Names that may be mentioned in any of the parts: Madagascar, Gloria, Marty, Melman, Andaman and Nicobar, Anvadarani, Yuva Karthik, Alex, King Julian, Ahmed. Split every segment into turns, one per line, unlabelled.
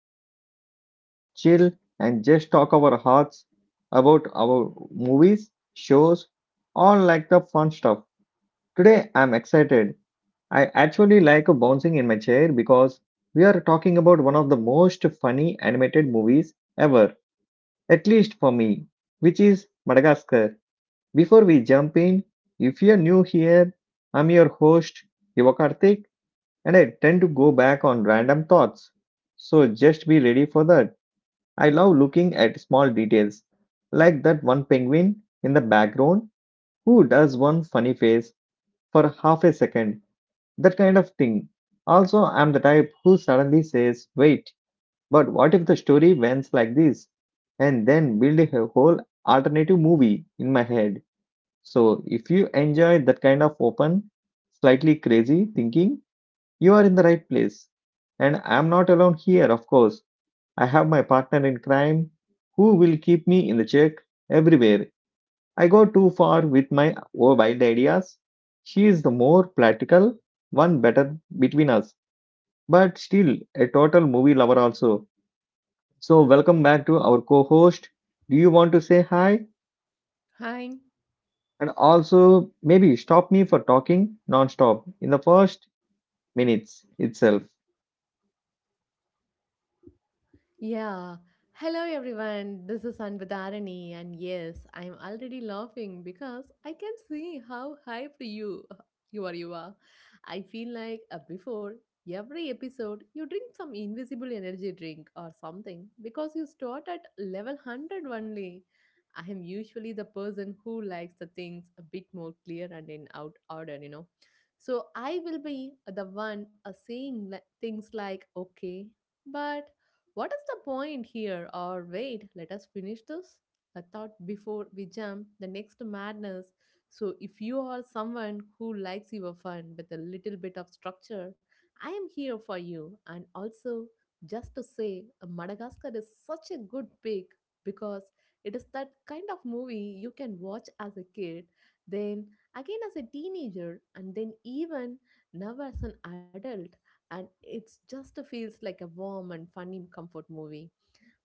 where we sit, chill, and just talk our hearts about our movies, shows, all like the fun stuff. Today, I'm excited. I actually like bouncing in my chair because we are talking about one of the most funny animated movies ever, at least for me, which is Madagascar. Before we jump in, if you're new here, I'm your host, Yuva Karthik, and I tend to go back on random thoughts. So just be ready for that. I love looking at small details, like that one penguin in the background who does one funny face for half a second, that kind of thing. Also, I'm the type who suddenly says, wait, but what if the story ends like this? And then build a whole alternative movie in my head. So if you enjoy that kind of open, slightly crazy thinking, you are in the right place. And I'm not alone here, of course. I have my partner in crime who will keep me in the check everywhere. I go too far with my wild ideas. She is the more practical one, better between us, but still a total movie lover also. So, welcome back to our co host. Do you want to say hi?
Hi.
And also, maybe stop me for talking non stop in the first minutes itself.
Yeah. Hello, everyone. This is Anvadarani, and yes, I am already laughing because I can see how hyped you are. You are. I feel like before every episode, you drink some invisible energy drink or something because you start at level 100 only. I am usually the person who likes the things a bit more clear and in out order, you know. So I will be the one saying things like okay, but what is the point here? Or wait, let us finish this. A thought before we jump the next madness. So, if you are someone who likes your fun with a little bit of structure, I am here for you. And also, just to say, Madagascar is such a good pick because it is that kind of movie you can watch as a kid, then again as a teenager, and then even now as an adult, and it's just feels like a warm and funny comfort movie.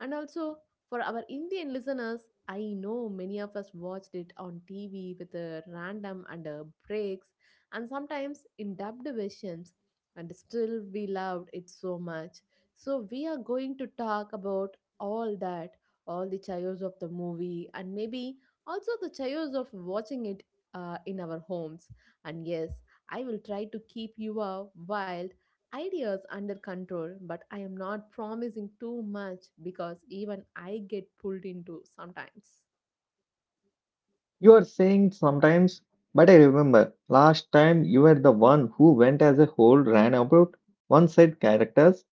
And also, for our Indian listeners, I know many of us watched it on TV with a random and breaks, and sometimes in dubbed versions, and still we loved it so much. So we are going to talk about all that, all the chaos of the movie, and maybe also the chaos of watching it in our homes. And yes, I will try to keep you wild ideas under control, but I am not promising too much because even I get pulled into sometimes.
You are saying sometimes, but I remember last time you were the one who went as a whole ran about one side characters,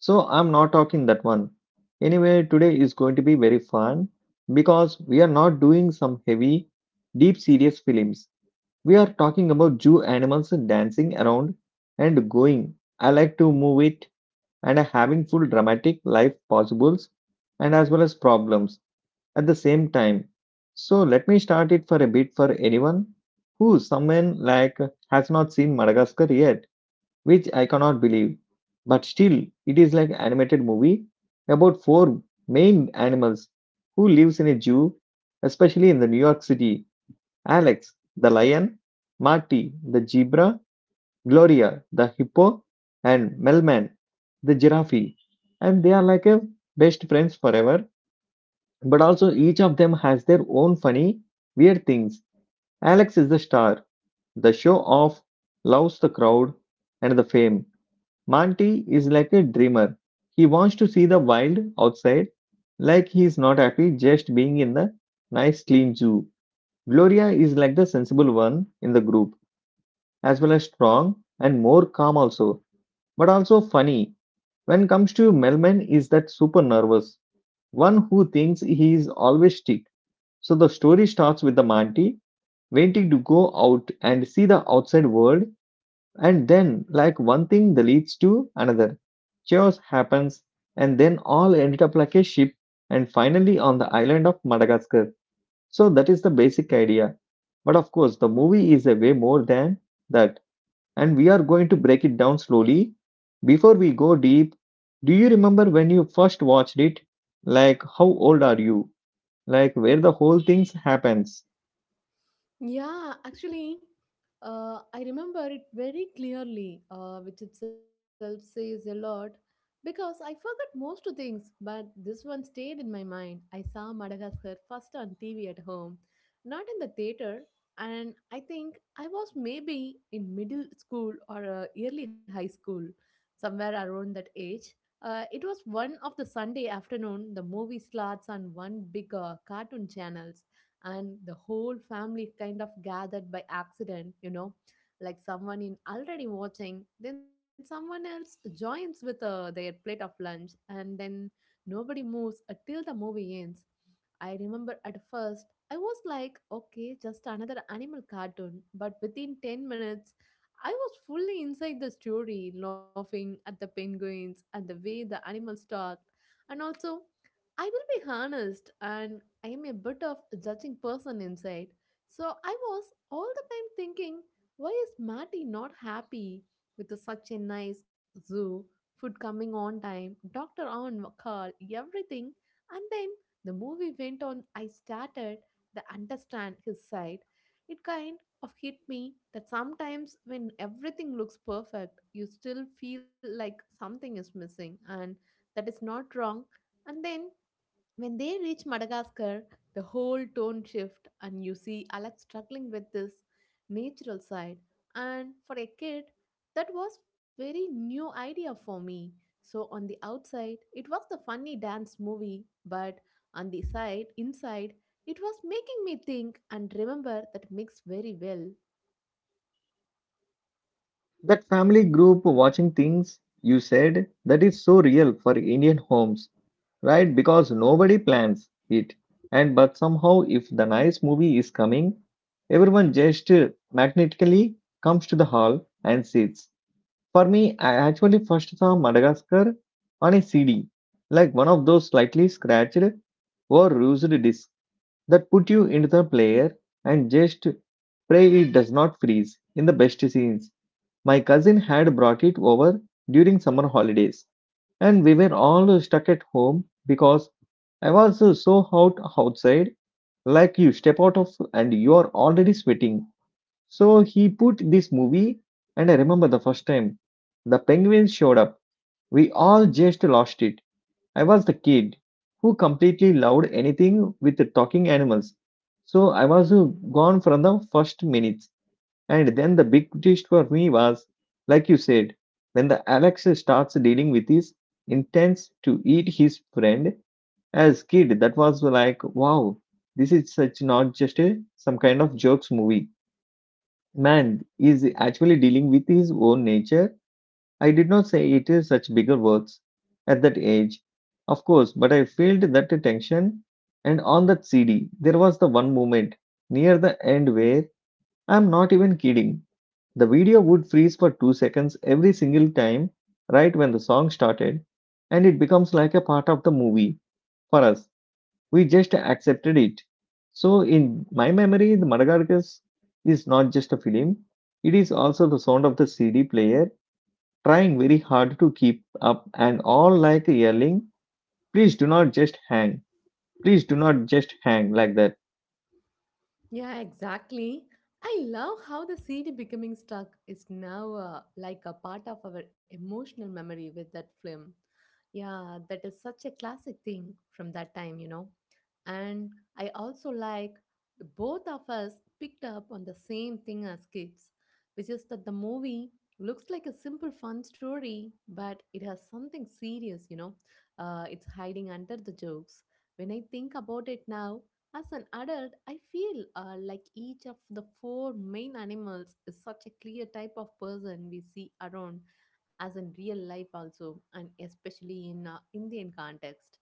so I'm not talking that one. Anyway, today is going to be very fun because we are not doing some heavy, deep, serious films. We are talking about zoo animals dancing around and going. I like to move it and having full dramatic life possibles and as well as problems at the same time. So let me start it for a bit for anyone who someone like has not seen Madagascar yet, which I cannot believe. But still, it is like animated movie about four main animals who lives in a zoo, especially in the New York City. Alex, the lion, Marty, the zebra, Gloria, the hippo, and Melman, the giraffe. And they are like a best friends forever, but also, each of them has their own funny, weird things. Alex is the star, the show off, loves the crowd and the fame. Monty is like a dreamer. He wants to see the wild outside, like he's not happy just being in the nice, clean zoo. Gloria is like the sensible one in the group, as well as strong and more calm, also, but also funny. When comes to Melman, is that super nervous one who thinks he is always sick. So the story starts with the Monty wanting to go out and see the outside world, and then, like one thing that leads to another. Chaos happens, and then all ended up like a ship, and finally on the island of Madagascar. So that is the basic idea. But of course, the movie is a way more than that, and we are going to break it down slowly. Before we go deep, do you remember when you first watched it? Like, how old are you? Like, where the whole thing happens?
Yeah, actually, I remember it very clearly, which itself says a lot because I forgot most things, but this one stayed in my mind. I saw Madagascar first on TV at home, not in the theater, and I think I was maybe in middle school or early high school, somewhere around that age. It was one of the Sunday afternoon. The movie slots on one big cartoon channel, and the whole family kind of gathered by accident, you know. Like someone in already watching, then someone else joins with their plate of lunch, and then nobody moves until the movie ends. I remember at first I was like, okay, just another animal cartoon, but within 10 minutes I was fully inside the story, laughing at the penguins and the way the animals talked. And also, I will be honest, and I am a bit of a judging person inside. So I was all the time thinking, why is Matty not happy with the such a nice zoo, food coming on time, doctor on call, everything? And then the movie went on. I started to understand his side. It kind of hit me that sometimes when everything looks perfect, you still feel like something is missing, and that is not wrong. And then when they reach Madagascar, the whole tone shift and you see Alex struggling with this natural side. And for a kid, that was very new idea for me. So on the outside, it was the funny dance movie, but on the side, inside, it was making me think and remember that mix very well.
That family group watching things you said that is so real for Indian homes, right? Because nobody plans it. And but somehow, if the nice movie is coming, everyone just magnetically comes to the hall and sits. For me, I actually first saw Madagascar on a CD, like one of those slightly scratched or used discs that put you into the player and just pray it does not freeze in the best scenes. My cousin had brought it over during summer holidays, and we were all stuck at home because I was so hot outside. Like you step out of and you are already sweating. So he put this movie, and I remember the first time the penguins showed up. We all just lost it. I was the kid who completely loved anything with the talking animals. So I was gone from the first minute. And then the big twist for me was, like you said, when the Alex starts dealing with his intents to eat his friend as kid, that was like, wow, this is such not just a some kind of jokes movie. Man is actually dealing with his own nature. I did not say it is such bigger words at that age, of course, but I felt that tension. And on that CD, there was the one moment near the end where, I'm not even kidding, the video would freeze for 2 seconds every single time, right when the song started, and it becomes like a part of the movie for us. We just accepted it. So, in my memory, the Madagascar is not just a film, it is also the sound of the CD player trying very hard to keep up and all like yelling, please do not just hang, please do not just hang like that.
Yeah, exactly. I love how the CD becoming stuck is now like a part of our emotional memory with that film. Yeah, that is such a classic thing from that time, you know. And I also like both of us picked up on the same thing as kids, which is that the movie looks like a simple fun story, but it has something serious, you know. It's hiding under the jokes. When I think about it now, as an adult, I feel like each of the four main animals is such a clear type of person we see around, as in real life also, and especially in Indian context.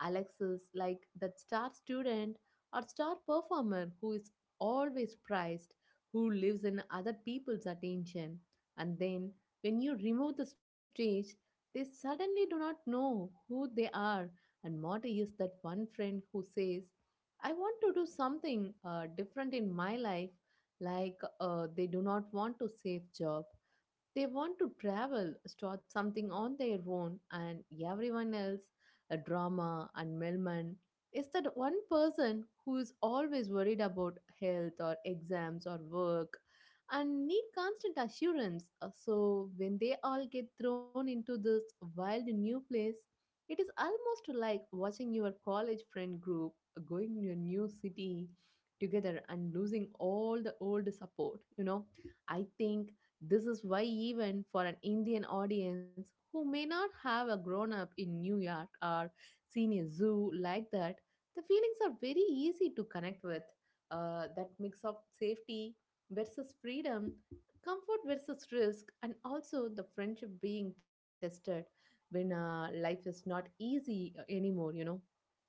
Alex is like that star student or star performer who is always prized, who lives in other people's attention, and then when you remove the stage, they suddenly do not know who they are. And Morty is that one friend who says, I want to do something different in my life, like they do not want to save job. They want to travel, start something on their own, and everyone else, a drama. And Melman is that one person who is always worried about health or exams or work and need constant assurance. So when they all get thrown into this wild new place, it is almost like watching your college friend group going to a new city together and losing all the old support, you know. I think this is why, even for an Indian audience who may not have a grown up in New York or seen a zoo like that, the feelings are very easy to connect with. That mix of safety versus freedom, comfort versus risk, and also the friendship being tested when life is not easy anymore, you know,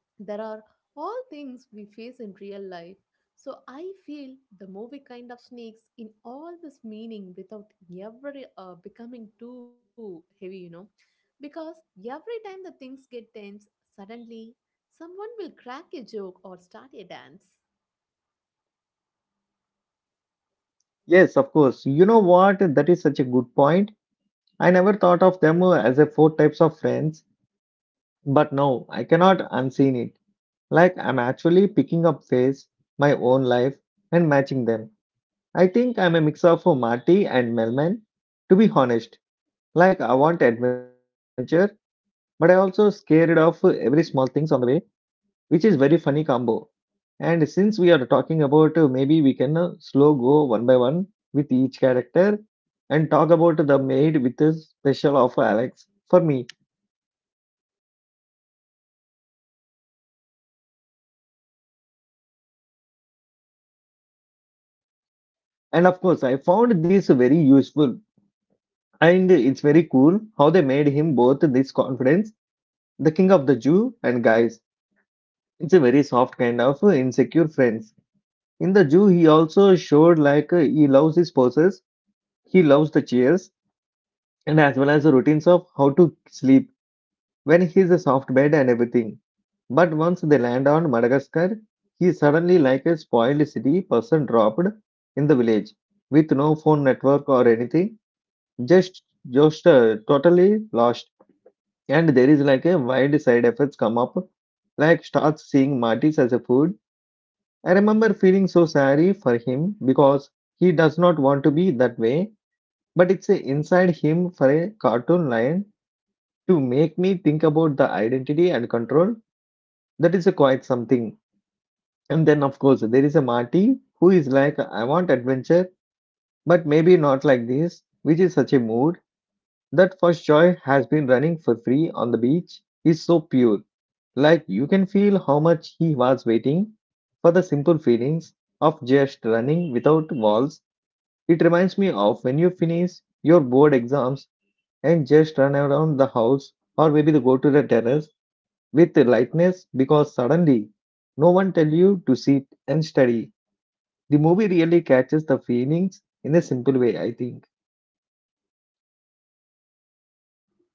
there are all things we face in real life. So I feel the movie kind of sneaks in all this meaning without ever becoming too heavy, you know. Because every time the things get tense, suddenly someone will crack a joke or start a dance.
Yes, of course. You know what? That is such a good point. I never thought of them as a four types of friends. But now I cannot unseen it. Like I'm actually picking up face, my own life, and matching them. I think I'm a mix of a Marty and Melman, to be honest. Like I want adventure, but I also scared of every small things on the way, which is very funny combo. And since we are talking about maybe we can slow go one by one with each character and talk about the maid with a special offer Alex for me. And of course, I found this very useful. And it's very cool how they made him both this confidence, the king of the Jew and guys. It's a very soft kind of insecure friends. In the Jew, he also showed like he loves his poses, he loves the chairs, and as well as the routines of how to sleep when he's a soft bed and everything. But once they land on Madagascar, he suddenly like a spoiled city person dropped in the village with no phone network or anything, just totally lost. And there is like a wild side effects come up, like starts seeing Martis as a food. I remember feeling so sorry for him because he does not want to be that way, but it's a inside him for a cartoon lion to make me think about the identity and control. That is a quite something. And then of course there is a Marty who is like I want adventure, but maybe not like this, which is such a mood. That first joy has been running for free on the beach is so pure. Like you can feel how much he was waiting for the simple feelings of just running without walls. It reminds me of when you finish your board exams and just run around the house or maybe to go to the terrace with lightness because suddenly no one tell you to sit and study. The movie really catches the feelings in a simple way, I think.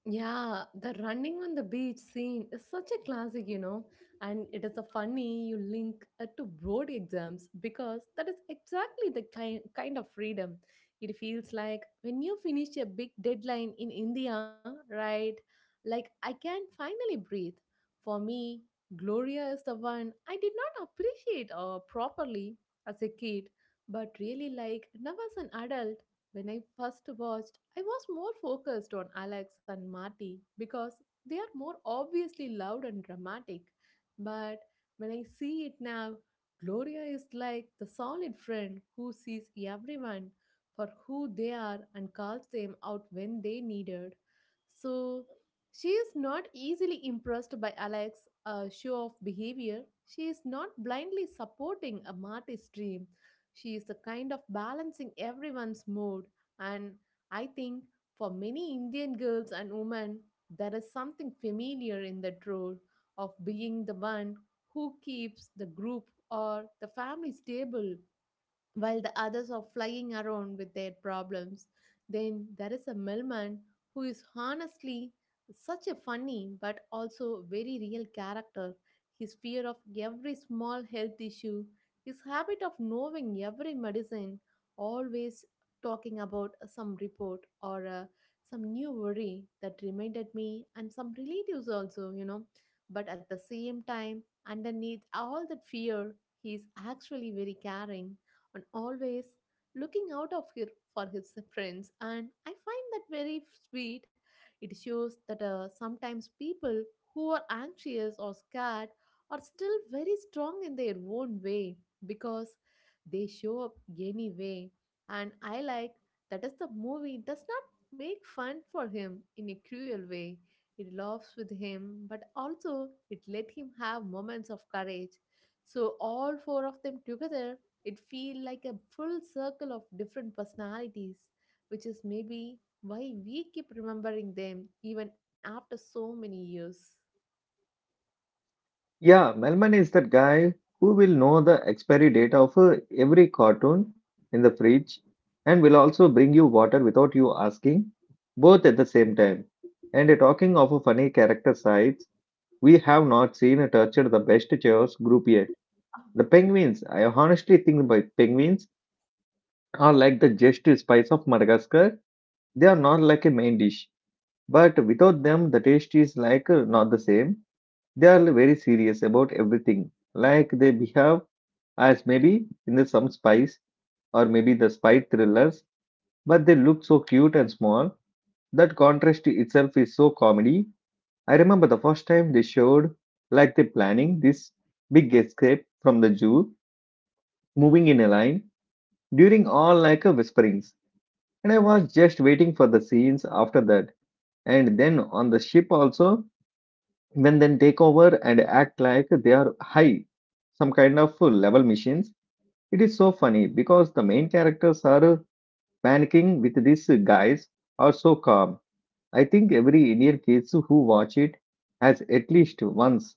Yeah, the running on the beach scene is such a classic, you know, and it is a funny you link it to board exams because that is exactly the kind of freedom. It feels like when you finish a big deadline in India, right? Like I can finally breathe. For me, Gloria is the one I did not appreciate properly as a kid, but really like now as an adult. When I first watched, I was more focused on Alex and Marty because they are more obviously loud and dramatic. But when I see it now, Gloria is like the solid friend who sees everyone for who they are and calls them out when they needed. So she is not easily impressed by Alex's show of behavior. She is not blindly supporting a Marty's dream. She is the kind of balancing everyone's mood, and I think for many Indian girls and women, there is something familiar in that role of being the one who keeps the group or the family stable while the others are flying around with their problems. Then there is a millman who is honestly such a funny but also very real character. His fear of every small health issue, his habit of knowing every medicine, always talking about some report or some new worry that reminded me and some relatives also, you know. But at the same time, underneath all that fear, he is actually very caring and always looking out of her for his friends, and I find that very sweet. It shows that sometimes people who are anxious or scared are still very strong in their own way because they show up anyway. And I like that is the movie does not make fun for him in a cruel way. It laughs with him, but also it let him have moments of courage. So all four of them together, it feel like a full circle of different personalities, which is maybe why we keep remembering them even after so many years.
Yeah, Melman is that guy who will know the expiry date of every cartoon in the fridge and will also bring you water without you asking, both at the same time. And talking of funny character sides, we have not seen tortured the best chaos group yet. The penguins, I honestly think by penguins are like the just spice of Madagascar. They are not like a main dish, but without them, the taste is like not the same. They are very serious about everything like they behave as maybe in the some spice or maybe the spy thrillers, but they look so cute and small. That contrast itself is so comedy. I remember the first time they showed like they planning this big escape from the zoo, moving in a line during all like a whisperings. And I was just waiting for the scenes after that. And then on the ship also, when then take over and act like they are high, some kind of level machines. It is so funny because the main characters are panicking with these guys are so calm. I think every Indian kids who watch it has at least once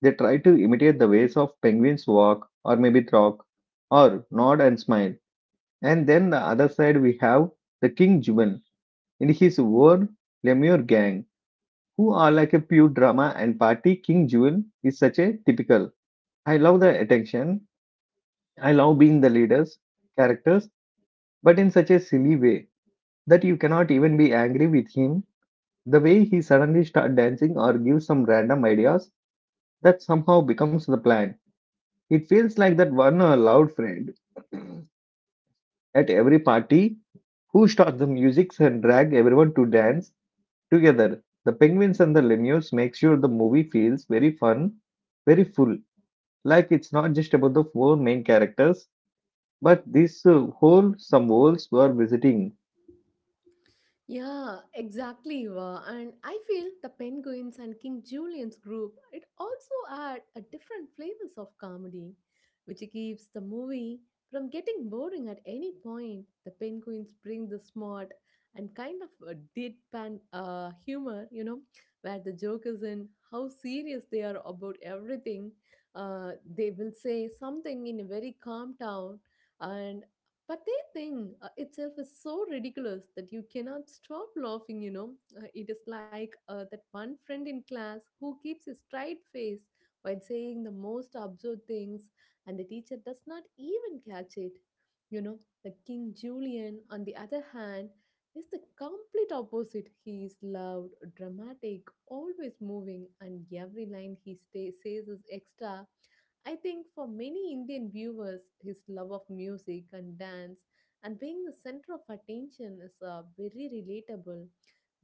they try to imitate the ways of penguins walk or maybe talk or nod and smile. And then the other side we have the King Juban in his own Lemur gang who are like a pure drama and party. King Juban is such a typical. I love the attention. I love being the leaders characters but in such a silly way that you cannot even be angry with him. The way he suddenly starts dancing or gives some random ideas that somehow becomes the plan. It feels like that one loud friend at every party who starts the music and drag everyone to dance together. The penguins and the lemurs make sure the movie feels very fun, very full. Like it's not just about the four main characters, but this whole some worlds were visiting.
Yeah, exactly. Eva. And I feel the Penguins and King Julian's group, it also add a different flavors of comedy, which keeps the movie from getting boring at any point. The Penguins bring the smart and kind of a deadpan humor, you know, where the joke is in how serious they are about everything. Uh, they will say something in a very calm tone, and but their thing itself is so ridiculous that you cannot stop laughing, you know. It is like that one friend in class who keeps a straight face while saying the most absurd things, and the teacher does not even catch it. You know, the King Julian, on the other hand, is the complete opposite. He is loud, dramatic, always moving, and every line he stay, says is extra. I think for many Indian viewers, his love of music and dance and being the center of attention is very relatable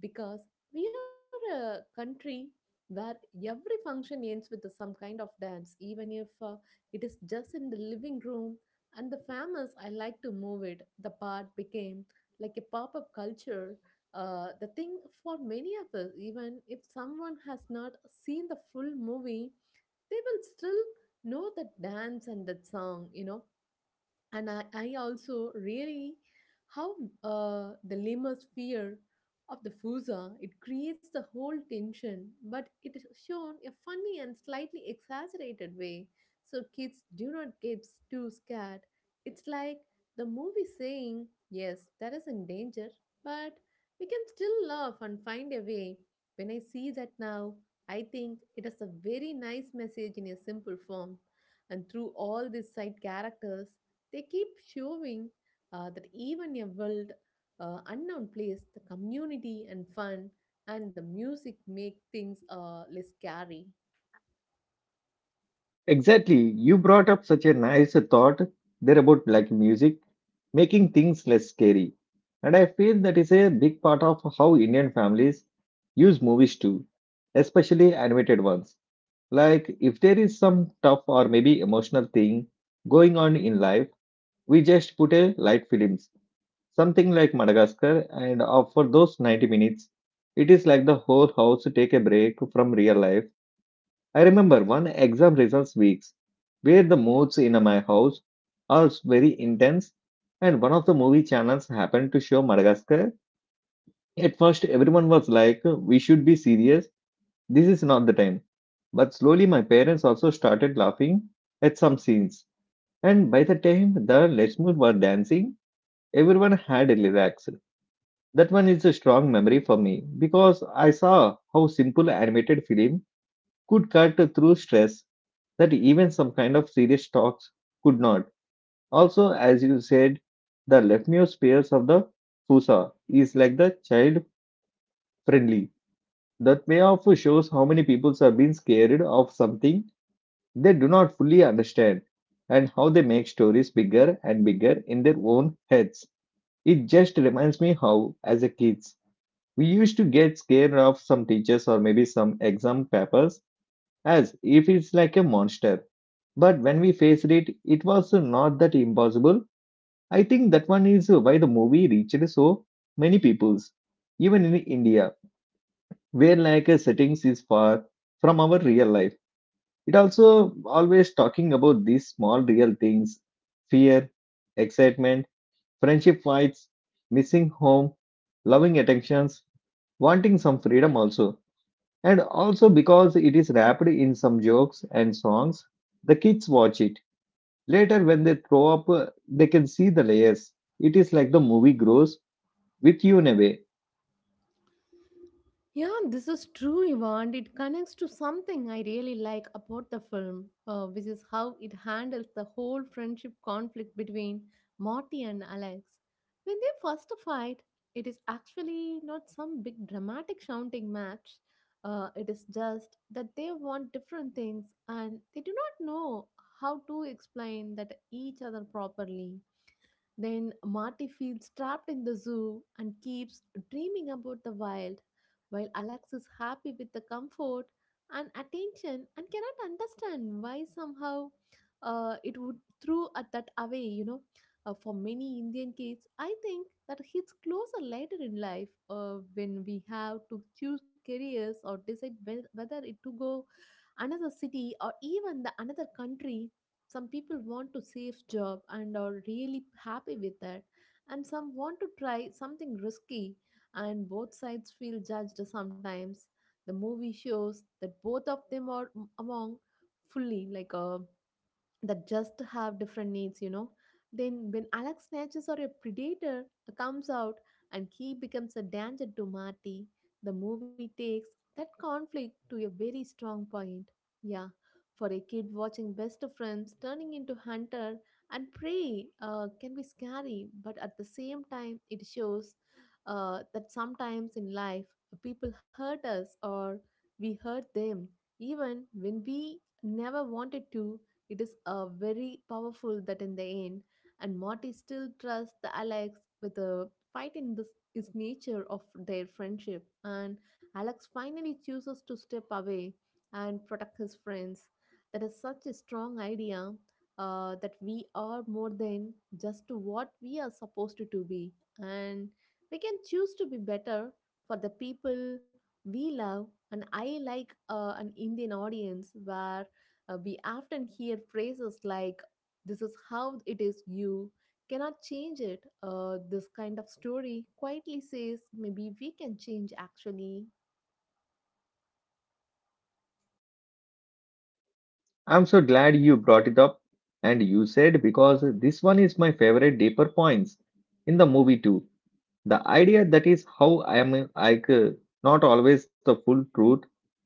because we are a country where every function ends with some kind of dance, even if it is just in the living room. And the famous I like to move it, the part became like a pop up culture. The thing for many of us, even if someone has not seen the full movie, they will still know that dance and that song. And I also really how the lemur's fear of the fusa, it creates the whole tension, but it is shown a funny and slightly exaggerated way so kids do not get too scared. It's like the movie saying yes, that is in danger, but we can still laugh and find a way. When I see that now, I think it is a very nice message in a simple form, and through all these side characters they keep showing that even a wild, unknown place, the community and fun and the music make things less scary.
Exactly. You brought up such a nice thought there about like music, making things less scary. And I feel that is a big part of how Indian families use movies too, especially animated ones. Like if there is some tough or maybe emotional thing going on in life, we just put a light films, something like Madagascar, and for those 90 minutes, it is like the whole house take a break from real life. I remember one exam results weeks where the moods in my house are very intense, and one of the movie channels happened to show Madagascar. At first everyone was like, we should be serious, this is not the time, but slowly my parents also started laughing at some scenes, and by the time the Lechmur were dancing, everyone had relaxed. That one is a strong memory for me because I saw how simple animated film could cut through stress that even some kind of serious talks could not. Also, as you said, the Lepneus pairs of the Fusa is like the child friendly. That may also shows how many people are being scared of something they do not fully understand and how they make stories bigger and bigger in their own heads. It just reminds me how, as a kids, we used to get scared of some teachers or maybe some exam papers as if it's like a monster. But when we faced it, it was not that impossible. I think that one is why the movie reached so many peoples, even in India, where like a settings is far from our real life. It also always talking about these small real things: fear, excitement, friendship fights, missing home, loving attentions, wanting some freedom also. And also because it is wrapped in some jokes and songs, the kids watch it. Later, when they throw up, they can see the layers. It is like the movie grows with you in a way.
Yeah, this is true, Ivan. It connects to something I really like about the film, which is how it handles the whole friendship conflict between Marty and Alex. When they first fight, it is actually not some big dramatic shouting match. It is just that they want different things and they do not know how to explain that each other properly. Then Marty feels trapped in the zoo and keeps dreaming about the wild, while Alex is happy with the comfort and attention and cannot understand why somehow it would throw at that away, you know. For many Indian kids, I think that hits closer later in life when we have to choose careers or decide whether it to go another city or even the another country. Some people want to safe job and are really happy with that, and some want to try something risky, and both sides feel judged sometimes. The movie shows that both of them are among fully like a that just have different needs, you know. Then, when Alex snatches or a predator comes out and he becomes a danger to Marty, the movie takes that conflict to a very strong point. Yeah, for a kid watching best of friends turning into hunter and prey can be scary, but at the same time, it shows that sometimes in life people hurt us or we hurt them, even when we never wanted to. It is very powerful that in the end, and Marty still trusts the Alex with a fight in this is nature of their friendship, and Alex finally chooses to step away and protect his friends. That is such a strong idea that we are more than just to what we are supposed to be, and we can choose to be better for the people we love. And I like an Indian audience where we often hear phrases like, "This is how it is, you cannot change it." This kind of story quietly says, "Maybe we can change actually."
I'm so glad you brought it up and you said because this one is my favorite deeper points in the movie too. The idea that is how I am not always the full truth,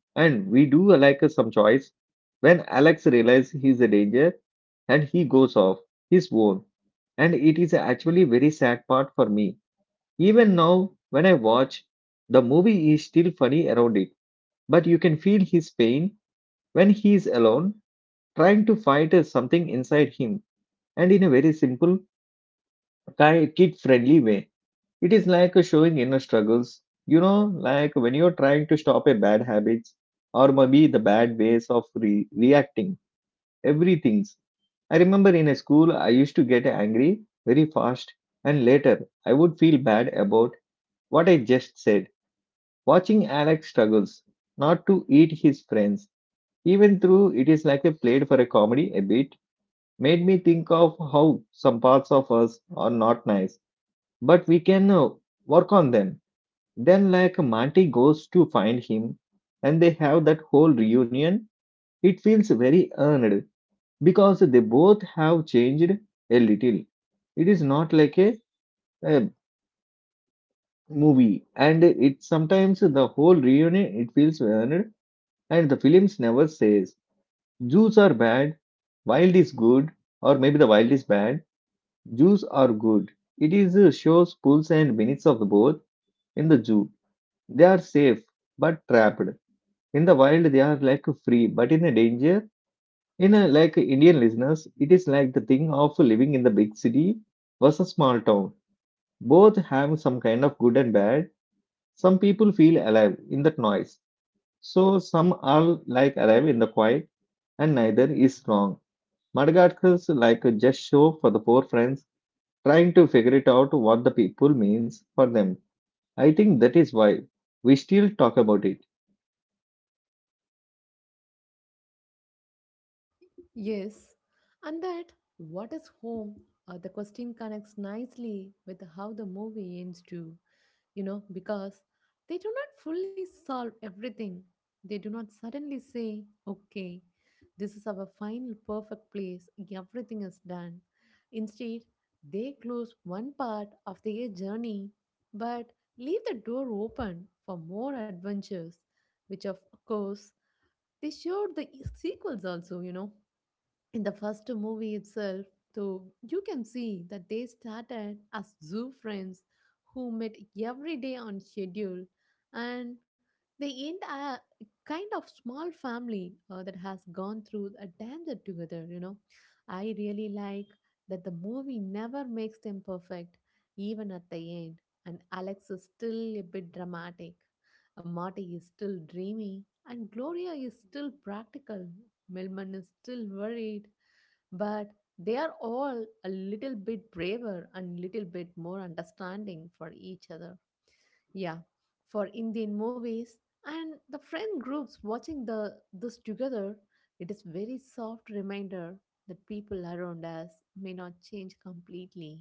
and we do some choice. When Alex realizes he's a danger and he goes off his own, and it is actually very sad part for me. Even now, when I watch, the movie is still funny around it, but you can feel his pain when he is alone, trying to fight something inside him, and in a very simple, kid friendly way. It is like showing inner struggles. You know, like when you're trying to stop a bad habits or maybe the bad ways of reacting, everything's. I remember in a school, I used to get angry very fast, and later I would feel bad about what I just said. Watching Alex struggles not to eat his friends, even though it is like a played for a comedy a bit, made me think of how some parts of us are not nice, but we can work on them. Then, like Monty goes to find him, and they have that whole reunion. It feels very earned because they both have changed a little. It is not like a movie, and it sometimes the whole reunion it feels earned. And the films never says Jews are bad, wild is good, or maybe the wild is bad, Jews are good. It is shows pulls and benefits of the both. In the Jew, they are safe but trapped. In the wild, they are like free but in a danger. In a, like Indian listeners, it is like the thing of living in the big city versus small town. Both have some kind of good and bad. Some people feel alive in that noise. So some are like alive in the quiet, and neither is wrong. Madagascar's like a just show for the four friends trying to figure it out what the people means for them. I think that is why we still talk about it.
Yes. And that, what is home? The question connects nicely with how the movie ends too, you know, because they do not fully solve everything. They do not suddenly say, okay, this is our final perfect place, everything is done. Instead, they close one part of their journey but leave the door open for more adventures, which of course they showed the sequels also, you know. In the first movie itself, though, you can see that they started as zoo friends who met every day on schedule, and they end a kind of small family that has gone through a danger together, you know. I really like that the movie never makes them perfect. Even at the end, and Alex is still a bit dramatic. Marty is still dreamy, and Gloria is still practical. Milman is still worried, but they are all a little bit braver and little bit more understanding for each other. Yeah, for Indian movies and the friend groups watching the this together, it is very soft reminder that people around us may not change completely,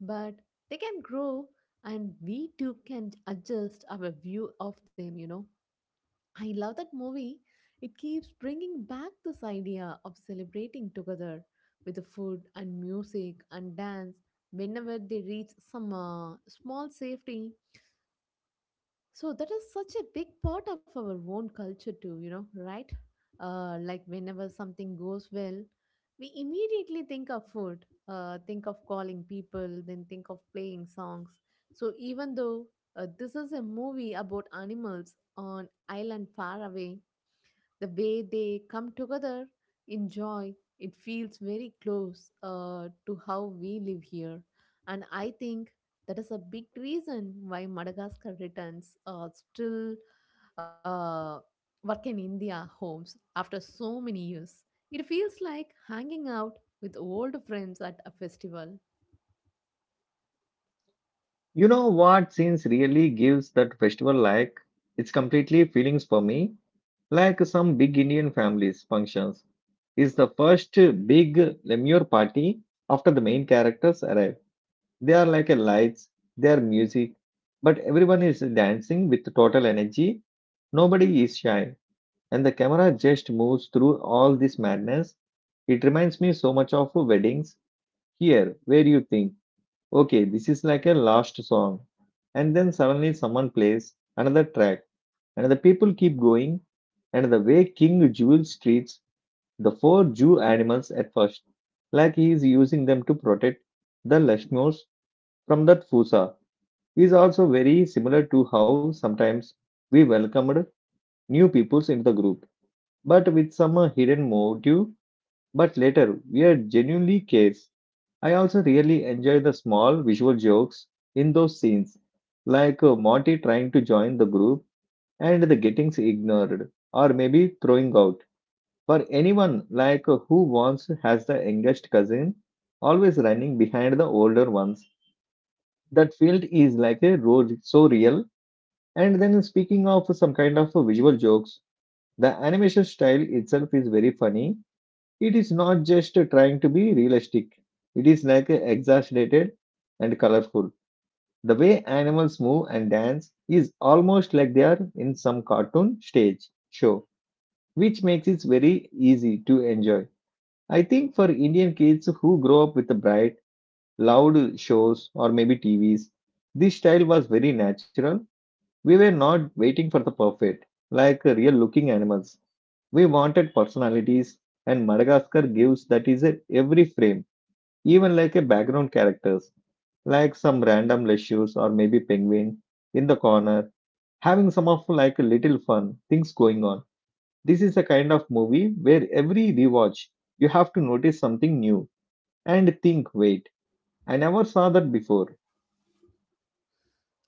but they can grow, and we too can adjust our view of them, you know. I love that movie. It keeps bringing back this idea of celebrating together with the food and music and dance whenever they reach some small safety. So that is such a big part of our own culture too, you know, right? Like whenever something goes well, we immediately think of food, think of calling people, then think of playing songs. So even though this is a movie about animals on island far away, the way they come together enjoy, it feels very close to how we live here. And I think that is a big reason why Madagascar returns still uh, work in India homes after so many years. It feels like hanging out with old friends at a festival.
You know what scenes really gives that festival like? It's completely feelings for me, like some big Indian families functions. Is the first big Lemur party after the main characters arrive. They are like a lights, they are music, but everyone is dancing with total energy. Nobody is shy, and the camera just moves through all this madness. It reminds me so much of weddings here, where you think, okay, this is like a last song, and then suddenly someone plays another track, and the people keep going. And the way King Jules treats the four Jew animals at first, like he is using them to protect the Lashmos from that Fusa, is also very similar to how sometimes we welcomed new peoples into the group but with some hidden motive, but later we are genuinely cares. I also really enjoy the small visual jokes in those scenes, like Monty trying to join the group and the getting ignored, or maybe throwing out. For anyone like who once has the youngest cousin, always running behind the older ones. That field is like a road so real. And then speaking of some kind of visual jokes, the animation style itself is very funny. It is not just trying to be realistic, it is like exaggerated and colorful. The way animals move and dance is almost like they are in some cartoon stage show, which makes it very easy to enjoy. I think for Indian kids who grow up with the bright, loud shows or maybe TVs, this style was very natural. We were not waiting for the perfect, like real looking animals. We wanted personalities, and Madagascar gives that is a every frame, even like a background characters, like some random leisures or maybe penguin in the corner, having some of like a little fun things going on. This is the kind of movie where every rewatch you have to notice something new and think, wait, I never saw that before.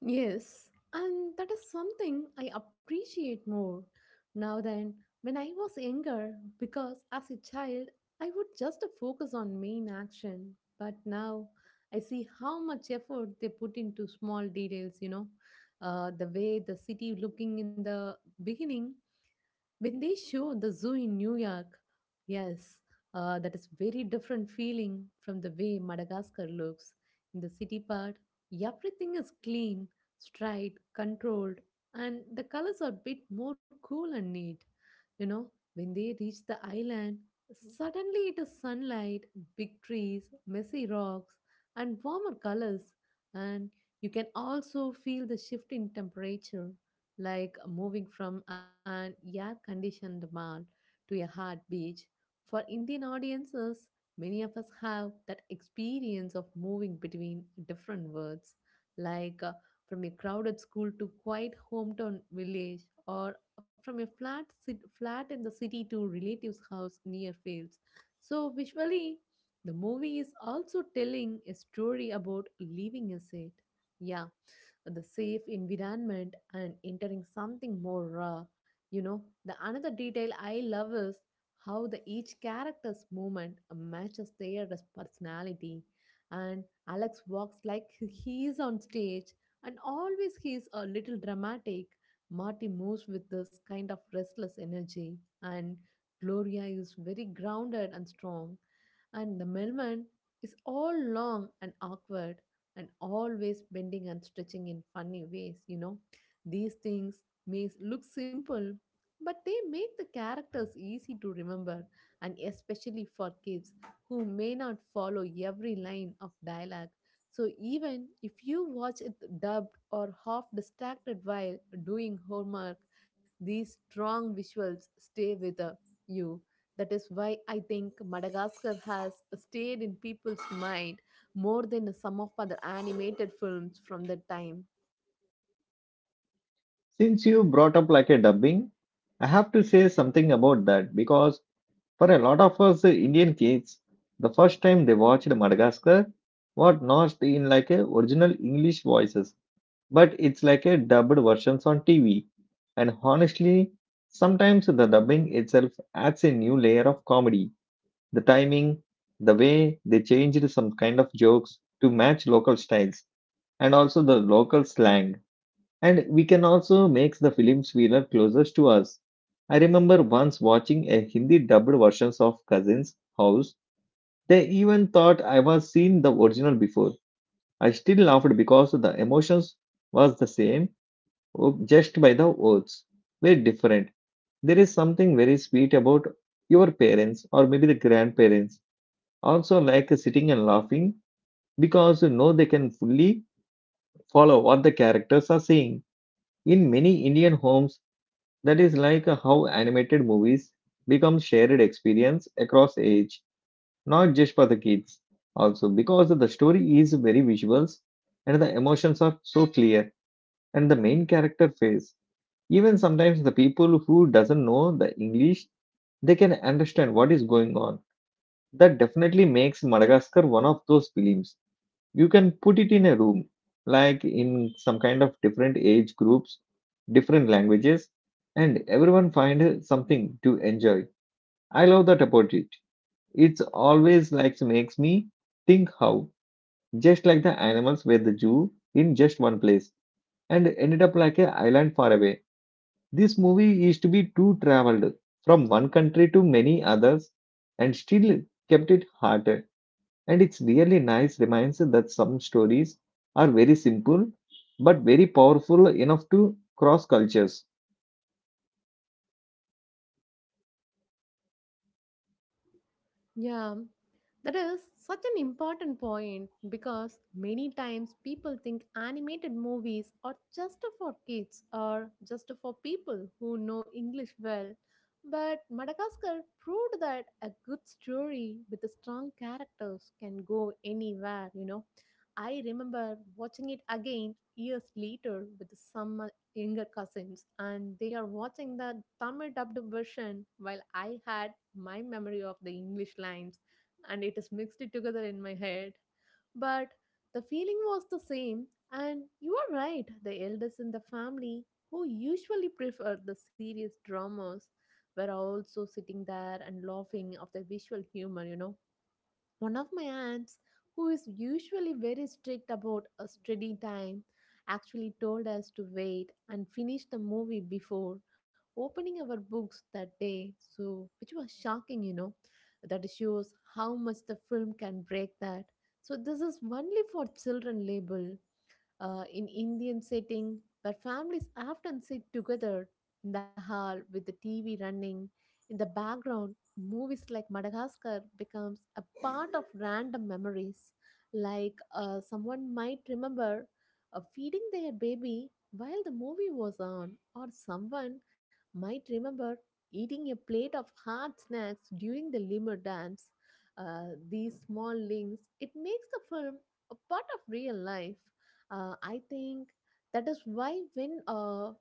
Yes, and that is something I appreciate more now than when I was younger, because as a child I would just focus on main action, but now I see how much effort they put into small details, you know, the way the city looking in the beginning when they show the zoo in New York, yes, that is very different feeling from the way Madagascar looks. In the city part, everything is clean, straight, controlled, and the colors are a bit more cool and neat. You know, when they reach the island, suddenly it is sunlight, big trees, messy rocks, and warmer colors, and you can also feel the shift in temperature like moving from an air conditioned mall to a hot beach. For Indian audiences, many of us have that experience of moving between different worlds, like from a crowded school to quiet hometown village, or from a flat in the city to relatives' house near fields. So, visually, the movie is also telling a story about leaving a set. Yeah, the safe environment and entering something more raw. You know, the another detail I love is how the each character's movement matches their personality. And Alex walks like he is on stage, and always he is a little dramatic. Marty moves with this kind of restless energy, and Gloria is very grounded and strong, and the Melman is all long and awkward, and always bending and stretching in funny ways, you know. These things may look simple, but they make the characters easy to remember, and especially for kids who may not follow every line of dialogue. So, even if you watch it dubbed or half distracted while doing homework, these strong visuals stay with you. That is why I think Madagascar has stayed in people's mind more than some of other animated films from that time.
Since you brought up like a dubbing, I have to say something about that because for a lot of us Indian kids, the first time they watched Madagascar was not in like a original English voices, but it's like a dubbed versions on TV. And honestly, sometimes the dubbing itself adds a new layer of comedy. The timing, the way they changed some kind of jokes to match local styles, and also the local slang, and we can also make the films we love closest to us. I remember once watching a Hindi dubbed versions of Cousins House. They even thought I was seen the original before. I still laughed because the emotions was the same, just by the words were different. There is something very sweet about your parents or maybe the grandparents also like sitting and laughing because you know they can fully follow what the characters are saying. In many Indian homes, that is like how animated movies become shared experience across age, not just for the kids. Also, because the story is very visuals and the emotions are so clear and the main character face. Even sometimes the people who doesn't know the English, they can understand what is going on. That definitely makes Madagascar one of those films you can put it in a room like in some kind of different age groups, different languages, and everyone find something to enjoy. I love that about it. It's always like makes me think how just like the animals were the zoo in just one place and ended up like a island far away, this movie is to be too traveled from one country to many others and still kept it hot. And it's really nice reminder that some stories are very simple but very powerful enough to cross cultures.
Yeah, that is such an important point, because many times people think animated movies are just for kids or just for people who know English well. But Madagascar proved that a good story with a strong characters can go anywhere, you know. I remember watching it again years later with some younger cousins, and they are watching the Tamil dubbed version while I had my memory of the English lines, and it is mixed it together in my head. But the feeling was the same, and you are right, the elders in the family who usually prefer the serious dramas were also sitting there and laughing of the visual humor, you know. One of my aunts, who is usually very strict about a study time, actually told us to wait and finish the movie before opening our books that day, so which was shocking, you know. That shows how much the film can break that. So this is only for children label in Indian setting where families often sit together in the hall with the TV running in the background. Movies like Madagascar becomes a part of random memories, like someone might remember feeding their baby while the movie was on, or someone might remember eating a plate of hard snacks during the lemur dance. These small links it makes the film a part of real life. I think that is why when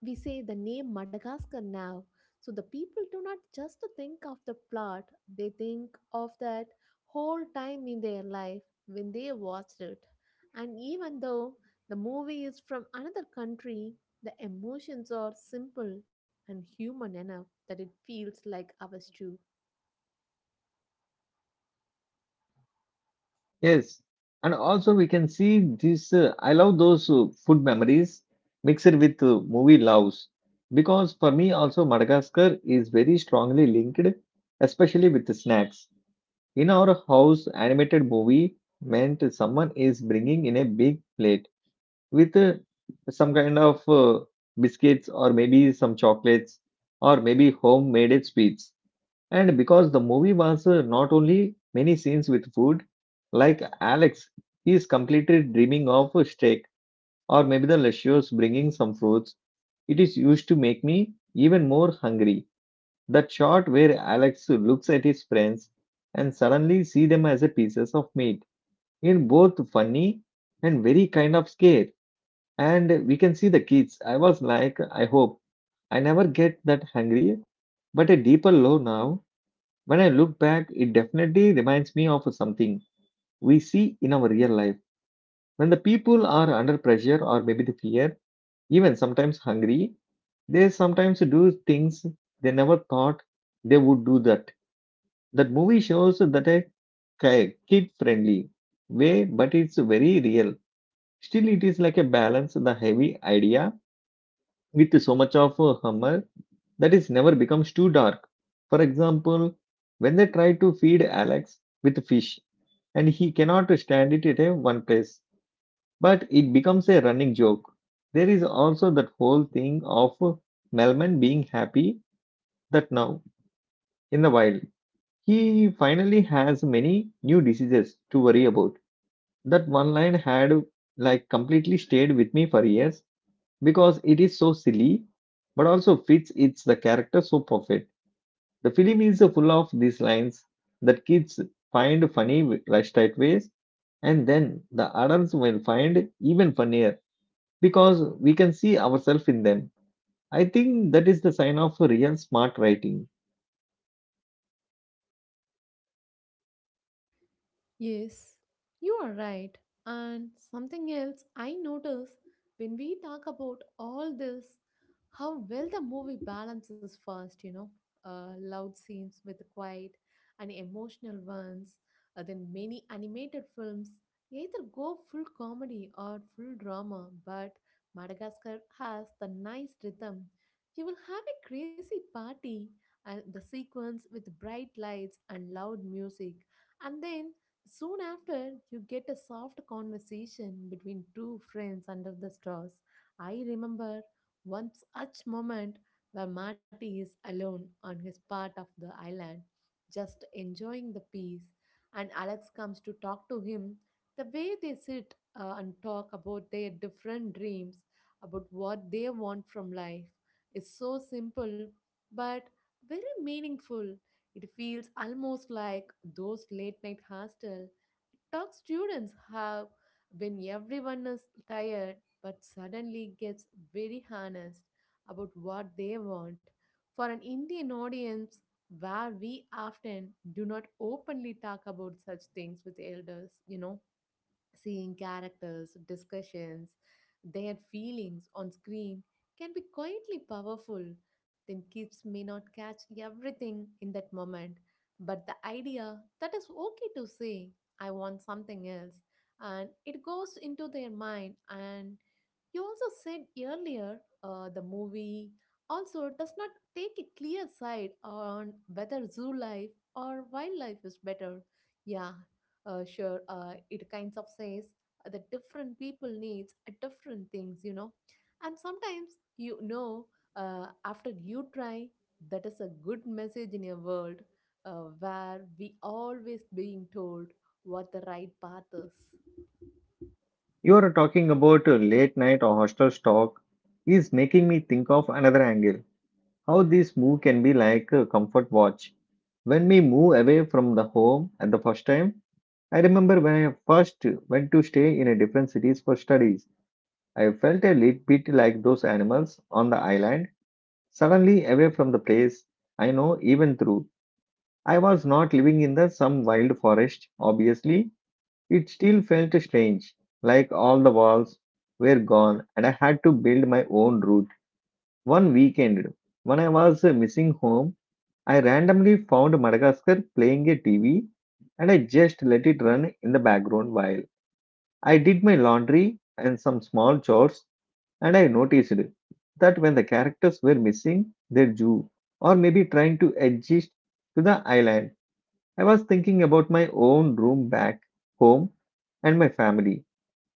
we say the name Madagascar now, so the people do not just think of the plot, they think of that whole time in their life when they watched it. And even though the movie is from another country, the emotions are simple and human enough that it feels like ours too.
Yes. And also we can see this I love those food memories mixed with movie loves because for me also Madagascar is very strongly linked especially with the snacks. In our house animated movie meant someone is bringing in a big plate with some kind of biscuits or maybe some chocolates or maybe homemade sweets. And because the movie was not only many scenes with food, like Alex, he is completely dreaming of a steak or maybe the luscious bringing some fruits. It is used to make me even more hungry. That shot where Alex looks at his friends and suddenly see them as a pieces of meat in both funny and very kind of scare, and we can see the kids. I was like, I hope I never get that hungry, but a deeper low now. When I look back, it definitely reminds me of something we see in our real life. When the people are under pressure or maybe the fear, even sometimes hungry, they sometimes do things they never thought they would do that. That movie shows that a kid friendly way, but it's very real. Still, it is like a balance, the heavy idea with so much of a humor that it never becomes too dark. For example, when they try to feed Alex with fish and he cannot stand it at a one place, but it becomes a running joke. There is also that whole thing of Melman being happy that now, in the wild, he finally has many new diseases to worry about. That one line had like completely stayed with me for years because it is so silly but also fits its the character so perfect. The film is full of these lines that kids find funny right straight ways, and then the adults will find even funnier because we can see ourselves in them. I think that is the sign of real smart writing.
Yes, you are right. And something else I notice when we talk about all this, how well the movie balances first, you know, loud scenes with quiet and emotional ones. Then many animated films either go full comedy or full drama, but Madagascar has the nice rhythm. You will have a crazy party and the sequence with bright lights and loud music, and then soon after, you get a soft conversation between two friends under the stars. I remember one such moment where Marty is alone on his part of the island, just enjoying the peace, and Alex comes to talk to him. The way they sit and talk about their different dreams, about what they want from life, is so simple but very meaningful. It feels almost like those late night hostel talk students have when everyone is tired but suddenly gets very honest about what they want. For an Indian audience, where we often do not openly talk about such things with elders, you know, seeing characters, discussions, their feelings on screen can be quietly powerful. Then kids may not catch everything in that moment, but the idea that is okay to say, I want something else, and it goes into their mind. And you also said earlier the movie also does not take a clear side on whether zoo life or wildlife is better. Yeah, sure. It kind of says that different people needs different things, you know. And sometimes after you try, that is a good message in a world where we always being told what the right path is.
You are talking about late night or hostel talk is making me think of another angle, how this move can be like a comfort watch when we move away from the home at the first time. I remember when I first went to stay in a different cities for studies, I felt a little bit like those animals on the island, suddenly away from the place I know even through. I was not living in the some wild forest, obviously. It still felt strange, like all the walls were gone and I had to build my own route. One weekend, when I was missing home, I randomly found Madagascar playing a TV and I just let it run in the background while I did my laundry and some small chores, and I noticed that when the characters were missing their Jew or maybe trying to adjust to the island, I was thinking about my own room back home and my family.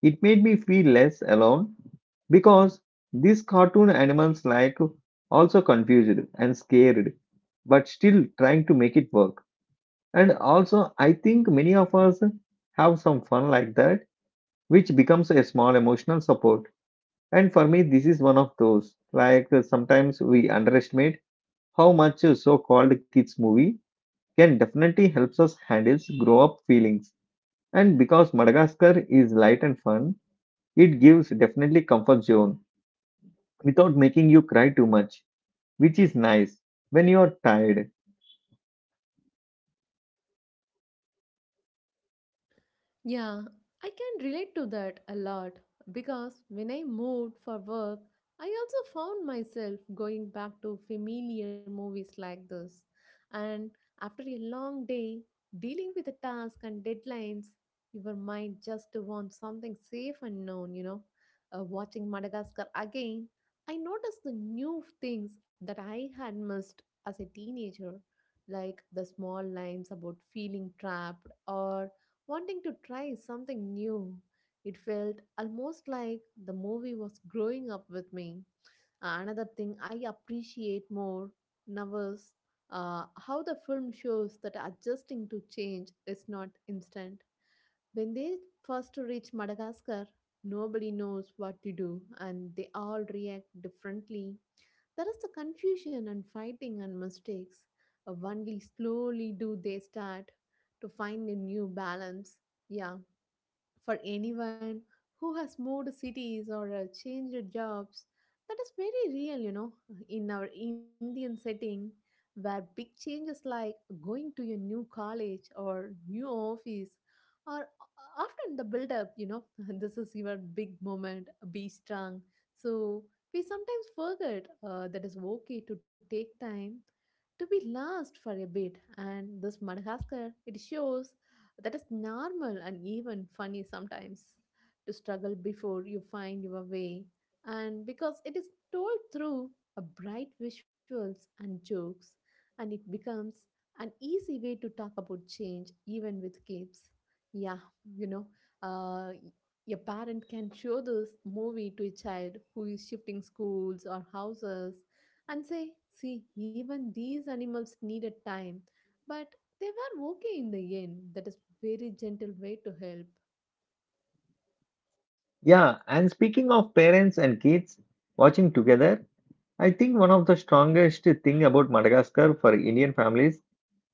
It made me feel less alone because these cartoon animals like also confused and scared, but still trying to make it work. And also, I think many of us have some fun like that which becomes a small emotional support. And for me, this is one of those. Like sometimes we underestimate how much a so-called kids movie can definitely helps us handle grow-up feelings. And because Madagascar is light and fun, it gives definitely comfort zone without making you cry too much, which is nice when you are tired.
Yeah, I can relate to that a lot because when I moved for work, I also found myself going back to familiar movies like this. And after a long day, dealing with the tasks and deadlines, your mind just wants something safe and known, you know. Watching Madagascar again, I noticed the new things that I had missed as a teenager, like the small lines about feeling trapped or wanting to try something new. It felt almost like the movie was growing up with me. Another thing I appreciate more now is how the film shows that adjusting to change is not instant. When they first reach Madagascar, nobody knows what to do and they all react differently. There is the confusion and fighting and mistakes. Only slowly do they start to find a new balance. Yeah, for anyone who has moved cities or changed jobs, that is very real, you know, in our Indian setting where big changes like going to a new college or new office are often the build up, you know, this is your big moment, be strong. So we sometimes forget that it's okay to take time to be lost for a bit, and this madagascar it shows that is normal and even funny sometimes to struggle before you find your way. And because it is told through a bright visuals and jokes, and it becomes an easy way to talk about change even with kids. Yeah, you know, uh, a parent can show this movie to a child who is shifting schools or houses and say, see, even these animals needed time. But they were okay in the end. That is very gentle way to help.
Yeah, and speaking of parents and kids watching together, I think one of the strongest thing about Madagascar for Indian families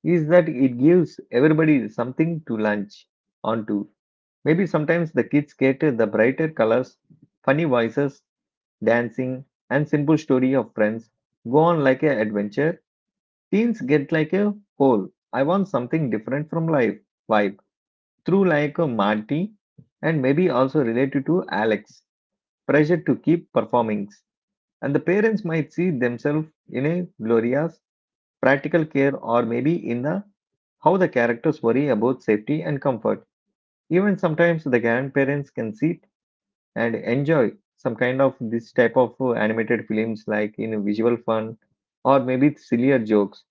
is that it gives everybody something to lunch onto. Maybe sometimes the kids get the brighter colors, funny voices, dancing, and simple story of friends go on like an adventure. Teens get like a whole. I want something different from life vibe through like a Marty and maybe also related to Alex. Pressure to keep performing. And the parents might see themselves in a glorious practical care or maybe in the how the characters worry about safety and comfort. Even sometimes the grandparents can sit and enjoy some kind of this type of animated films like in visual fun or maybe sillier jokes,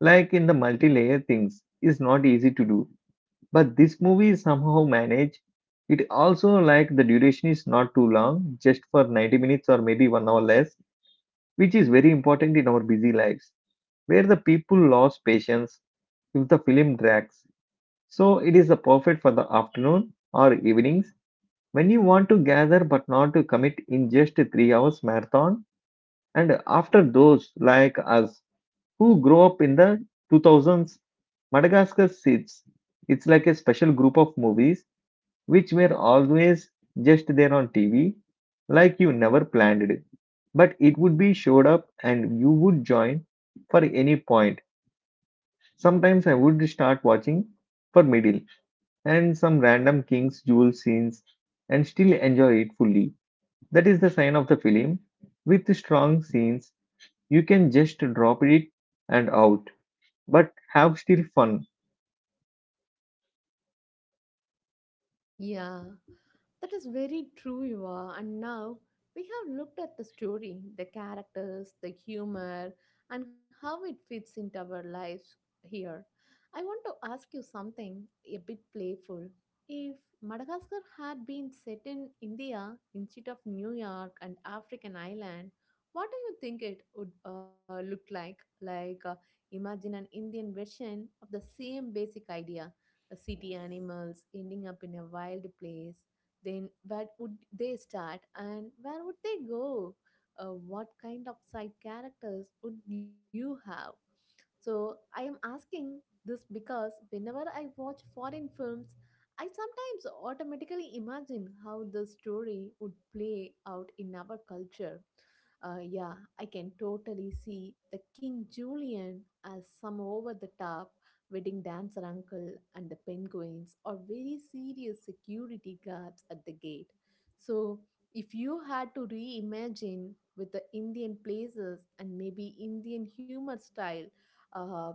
like in the multi-layer things is not easy to do but this movie somehow managed it. Also, like the duration is not too long, just for 90 minutes or maybe 1 hour less, which is very important in our busy lives where the people lost patience if the film drags. So it is a perfect for the afternoon or evenings when you want to gather but not to commit in just a 3 hours marathon. And after those like us who grow up in the 2000s, Madagascar sits. It's like a special group of movies which were always just there on TV, like you never planned it. But it would be showed up and you would join for any point. Sometimes I would start watching for middle and some random King's Jewel scenes and still enjoy it fully. That is the sign of the film. With strong scenes, you can just drop it and out, but have still fun.
Yeah. That is very true, you are. And now we have looked at the story, the characters, the humor, and how it fits into our lives here. I want to ask you something a bit playful. If Madagascar had been set in India instead of New York and African island, what do you think it would look like? Like, imagine an Indian version of the same basic idea: a city animals ending up in a wild place, then where would they start and where would they go? What kind of side characters would you have? So I am asking this because whenever I watch foreign films, I sometimes automatically imagine how the story would play out in our culture. Yeah, I can totally see the King Julian as some over the top wedding dancer uncle and the penguins or very serious security guards at the gate. So, if you had to reimagine with the Indian places and maybe Indian humor style, uh,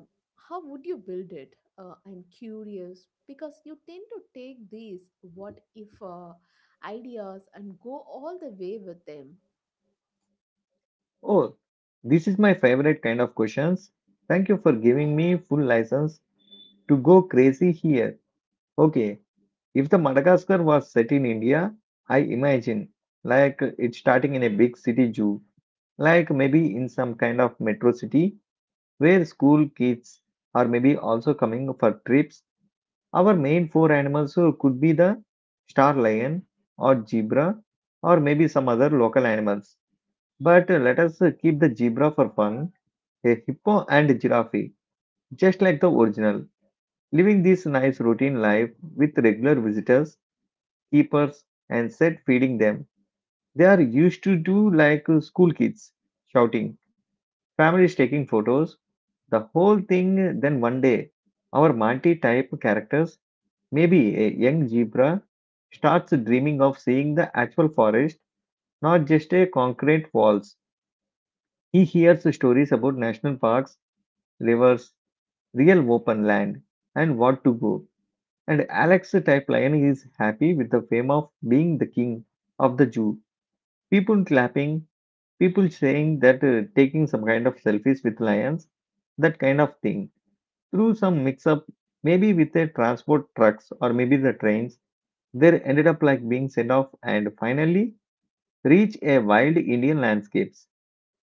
how would you build it? I'm curious because you tend to take these what if ideas and go all the way with them.
Oh, this is my favorite kind of questions. Thank you for giving me full license to go crazy here. Okay, if the Madagascar was set in India, I imagine like it's starting in a big city zoo, like maybe in some kind of metro city where school kids are maybe also coming for trips. Our main four animals could be the star lion or zebra or maybe some other local animals. But let us keep the zebra for fun, a hippo and giraffe, just like the original, living this nice routine life with regular visitors, keepers, and set feeding them. They are used to do like school kids, shouting, families taking photos, the whole thing. Then one day, our Monty type characters, maybe a young zebra, starts dreaming of seeing the actual forest, not just a concrete walls. He hears stories about national parks, rivers, real open land, and what to go. And Alex type lion is happy with the fame of being the king of the zoo. People clapping, people saying that taking some kind of selfies with lions, that kind of thing through some mix up, maybe with the transport trucks or maybe the trains, they ended up like being sent off and finally reach a wild Indian landscapes,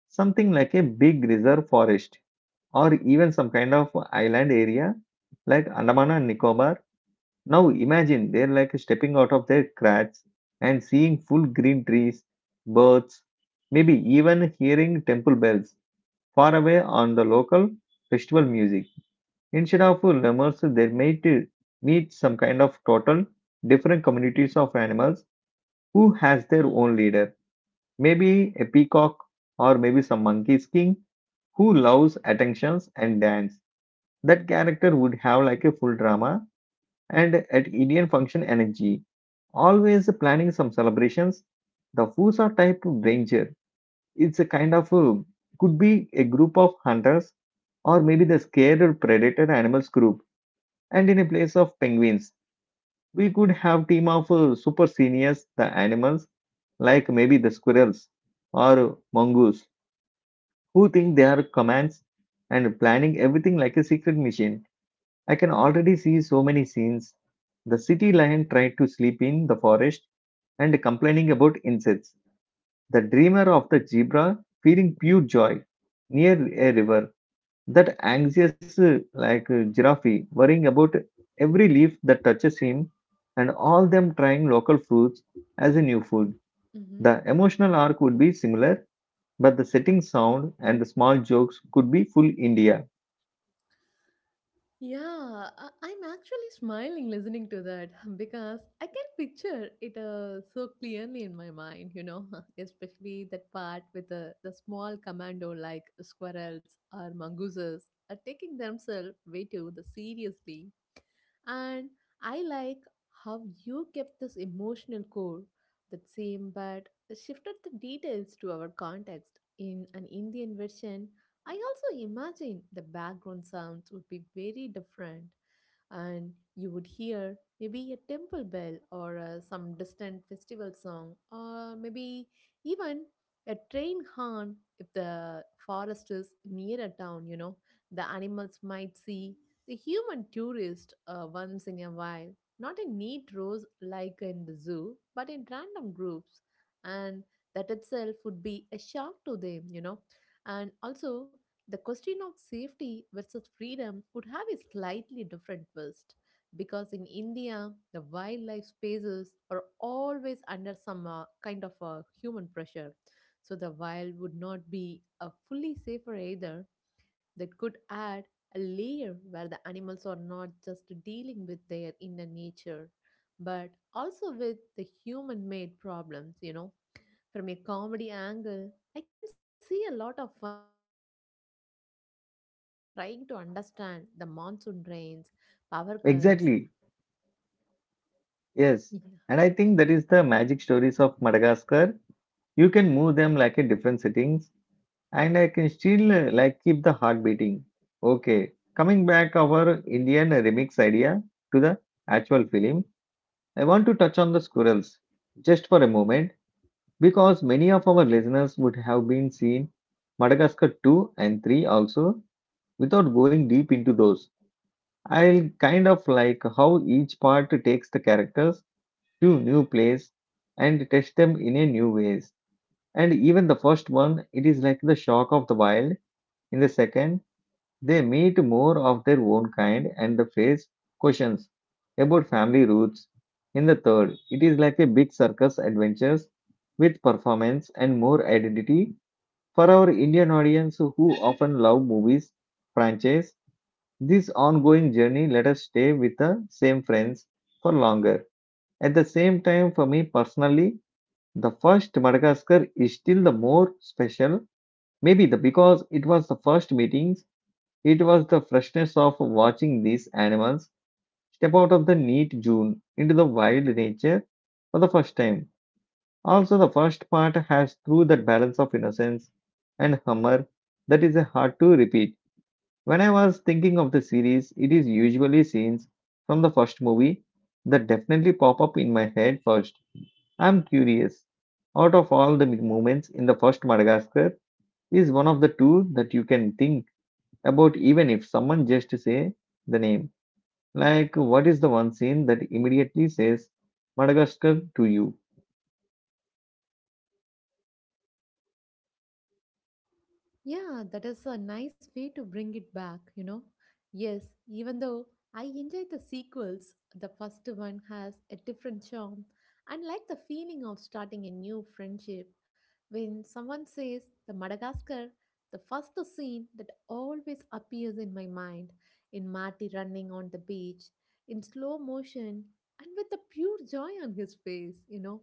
something like a big reserve forest or even some kind of island area like Andaman and Nicobar. Now imagine they're like stepping out of their cracks and seeing full green trees, birds, maybe even hearing temple bells far away on the local festival music. Instead of lemurs, they might meet some kind of total different communities of animals who has their own leader. Maybe a peacock or maybe some monkey king who loves attentions and dance. That character would have like a full drama and at Indian function energy. Always planning some celebrations. The Fusa type of ranger. It's a kind of could be a group of hunters or maybe the scared predator animals group, and in a place of penguins, we could have team of super seniors, the animals, like maybe the squirrels or mongoose, who think they are commands and planning everything like a secret machine. I can already see so many scenes. The city lion tried to sleep in the forest and complaining about insects. The dreamer of the zebra feeling pure joy near a river. That anxious, giraffe, worrying about every leaf that touches him, and all them trying local fruits as a new food.
Mm-hmm.
The emotional arc would be similar, but the setting sound and the small jokes could be full India.
Yeah, I'm actually smiling listening to that because I can picture it so clearly in my mind, you know, especially that part with the small commando like squirrels or mongooses are taking themselves way too the seriously. And I like how you kept this emotional core, that same but shifted the details to our context. In an Indian version, I also imagine the background sounds would be very different, and you would hear maybe a temple bell or some distant festival song or maybe even a train horn if the forest is near a town, you know, the animals might see the human tourist once in a while, not in neat rows like in the zoo but in random groups, and that itself would be a shock to them, you know. And also the question of safety versus freedom would have a slightly different twist because in India, the wildlife spaces are always under some kind of human pressure. So the wild would not be a fully safer either, that could add a layer where the animals are not just dealing with their inner nature but also with the human made problems, you know. From a comedy angle, I can see a lot of fun in showing the city animals trying to understand the monsoon rains, power cuts.
Exactly, yes. And I think that is the magic stories of Madagascar. You can move them like in different settings, and I can still like keep the heart beating. Okay, coming back our Indian remix idea to the actual film, I want to touch on the squirrels just for a moment because many of our listeners would have been seen Madagascar 2 and 3 also without going deep into those. I'll kind of like how each part takes the characters to new place and test them in a new ways. And even the first one, it is like the shock of the wild. In the second they meet more of their own kind and they face questions about family roots. In the third, it is like a big circus adventures with performance and more identity. For our Indian audience who often love movies franchise, this ongoing journey let us stay with the same friends for longer. At the same time, for me personally, the first Madagascar is still the more special, maybe the because it was the first meeting, it was the freshness of watching these animals step out of the neat June into the wild nature for the first time. Also, the first part has through that balance of innocence and humor that is hard to repeat. When I was thinking of the series, it is usually scenes from the first movie that definitely pop up in my head first. I'm curious. Out of all the moments in the first Madagascar, is one of the two that you can think about even if someone just say the name. Like, what is the one scene that immediately says Madagascar to you?
Yeah, that is a nice way to bring it back, you know. Yes, even though I enjoy the sequels, the first one has a different charm. And like the feeling of starting a new friendship, when someone says the Madagascar, the first scene that always appears in my mind in Marty running on the beach in slow motion and with the pure joy on his face, you know,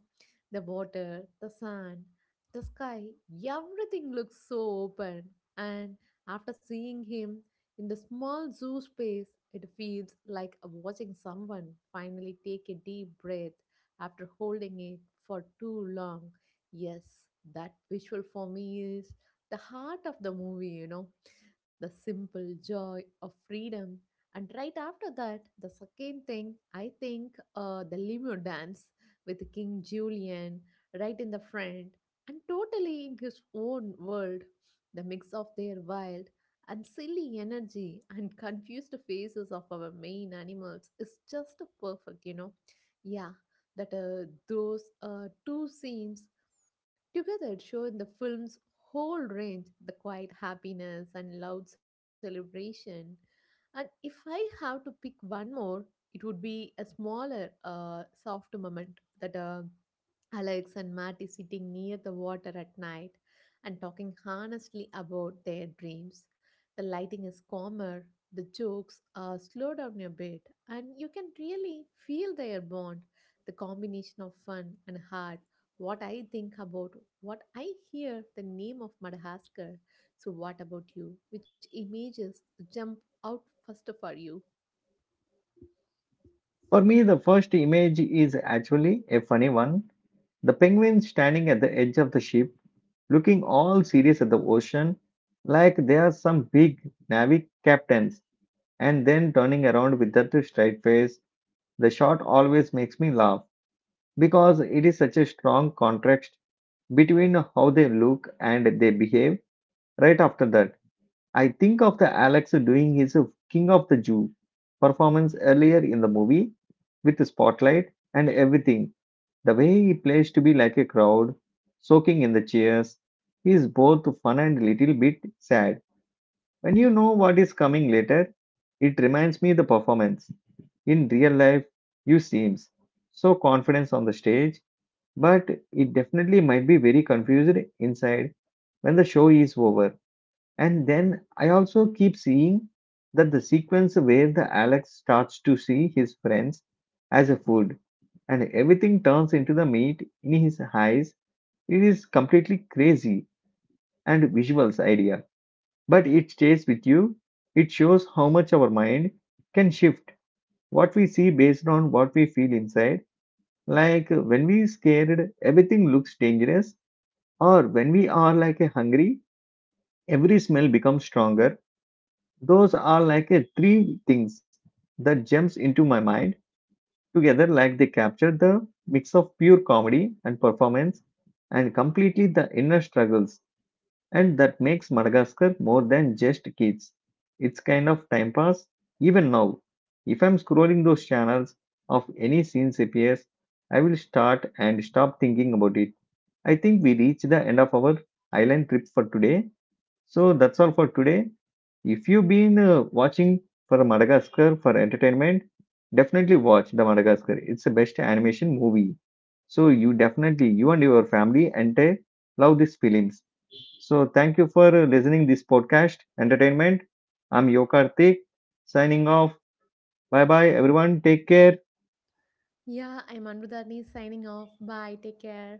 the water, the sand, the sky, everything looks so open. And after seeing him in the small zoo space, it feels like watching someone finally take a deep breath after holding it for too long. Yes, that visual for me is the heart of the movie, you know, the simple joy of freedom. And right after that, the second thing, I think the limo dance with King Julian right in the front and totally in his own world. The mix of their wild and silly energy and confused faces of our main animals is just perfect, you know. Yeah, that those two scenes together show in the film's whole range the quiet happiness and loud celebration. And if I have to pick one more, it would be a smaller, soft moment that Alex and Matty sitting near the water at night and talking honestly about their dreams. The lighting is calmer, the jokes are slow down a bit, and you can really feel their bond. The combination of fun and heart. What I think about, what I hear, the name of Madagascar. So, what about you? Which images jump out first for you?
For me, the first image is actually a funny one. The penguin standing at the edge of the ship, looking all serious at the ocean, like they are some big navy captains, and then turning around with that straight face. The shot always makes me laugh because it is such a strong contrast between how they look and they behave. Right after that I think of the Alex doing his King of the Jew performance earlier in the movie with the spotlight and everything. The way he plays to be like a crowd, soaking in the cheers, is both fun and little bit sad. When you know what is coming later, it reminds me the performance. In real life, you seems so confident on the stage, but it definitely might be very confused inside when the show is over. And then I also keep seeing that the sequence where the Alex starts to see his friends as a food and everything turns into the meat in his eyes. It is completely crazy and visuals idea, but it stays with you. It shows how much our mind can shift what we see based on what we feel inside. Like when we scared, everything looks dangerous, or when we are hungry, every smell becomes stronger. Those are like a three things that jumps into my mind together like they capture the mix of pure comedy and performance and completely the inner struggles, and that makes Madagascar more than just kids. It's kind of time pass even now. If I'm scrolling those channels of any scenes appears, I will start and stop thinking about it. I think we reach the end of our island trip for today. So that's all for today. If you've been watching for Madagascar for entertainment, definitely watch the Madagascar. It's the best animation movie. So you definitely you and your family entire love these films. So thank you for listening this podcast entertainment. I'm Yokartik signing off. Bye bye everyone. Take care.
Yeah, I'm Anuradhani signing off. Bye. Take care.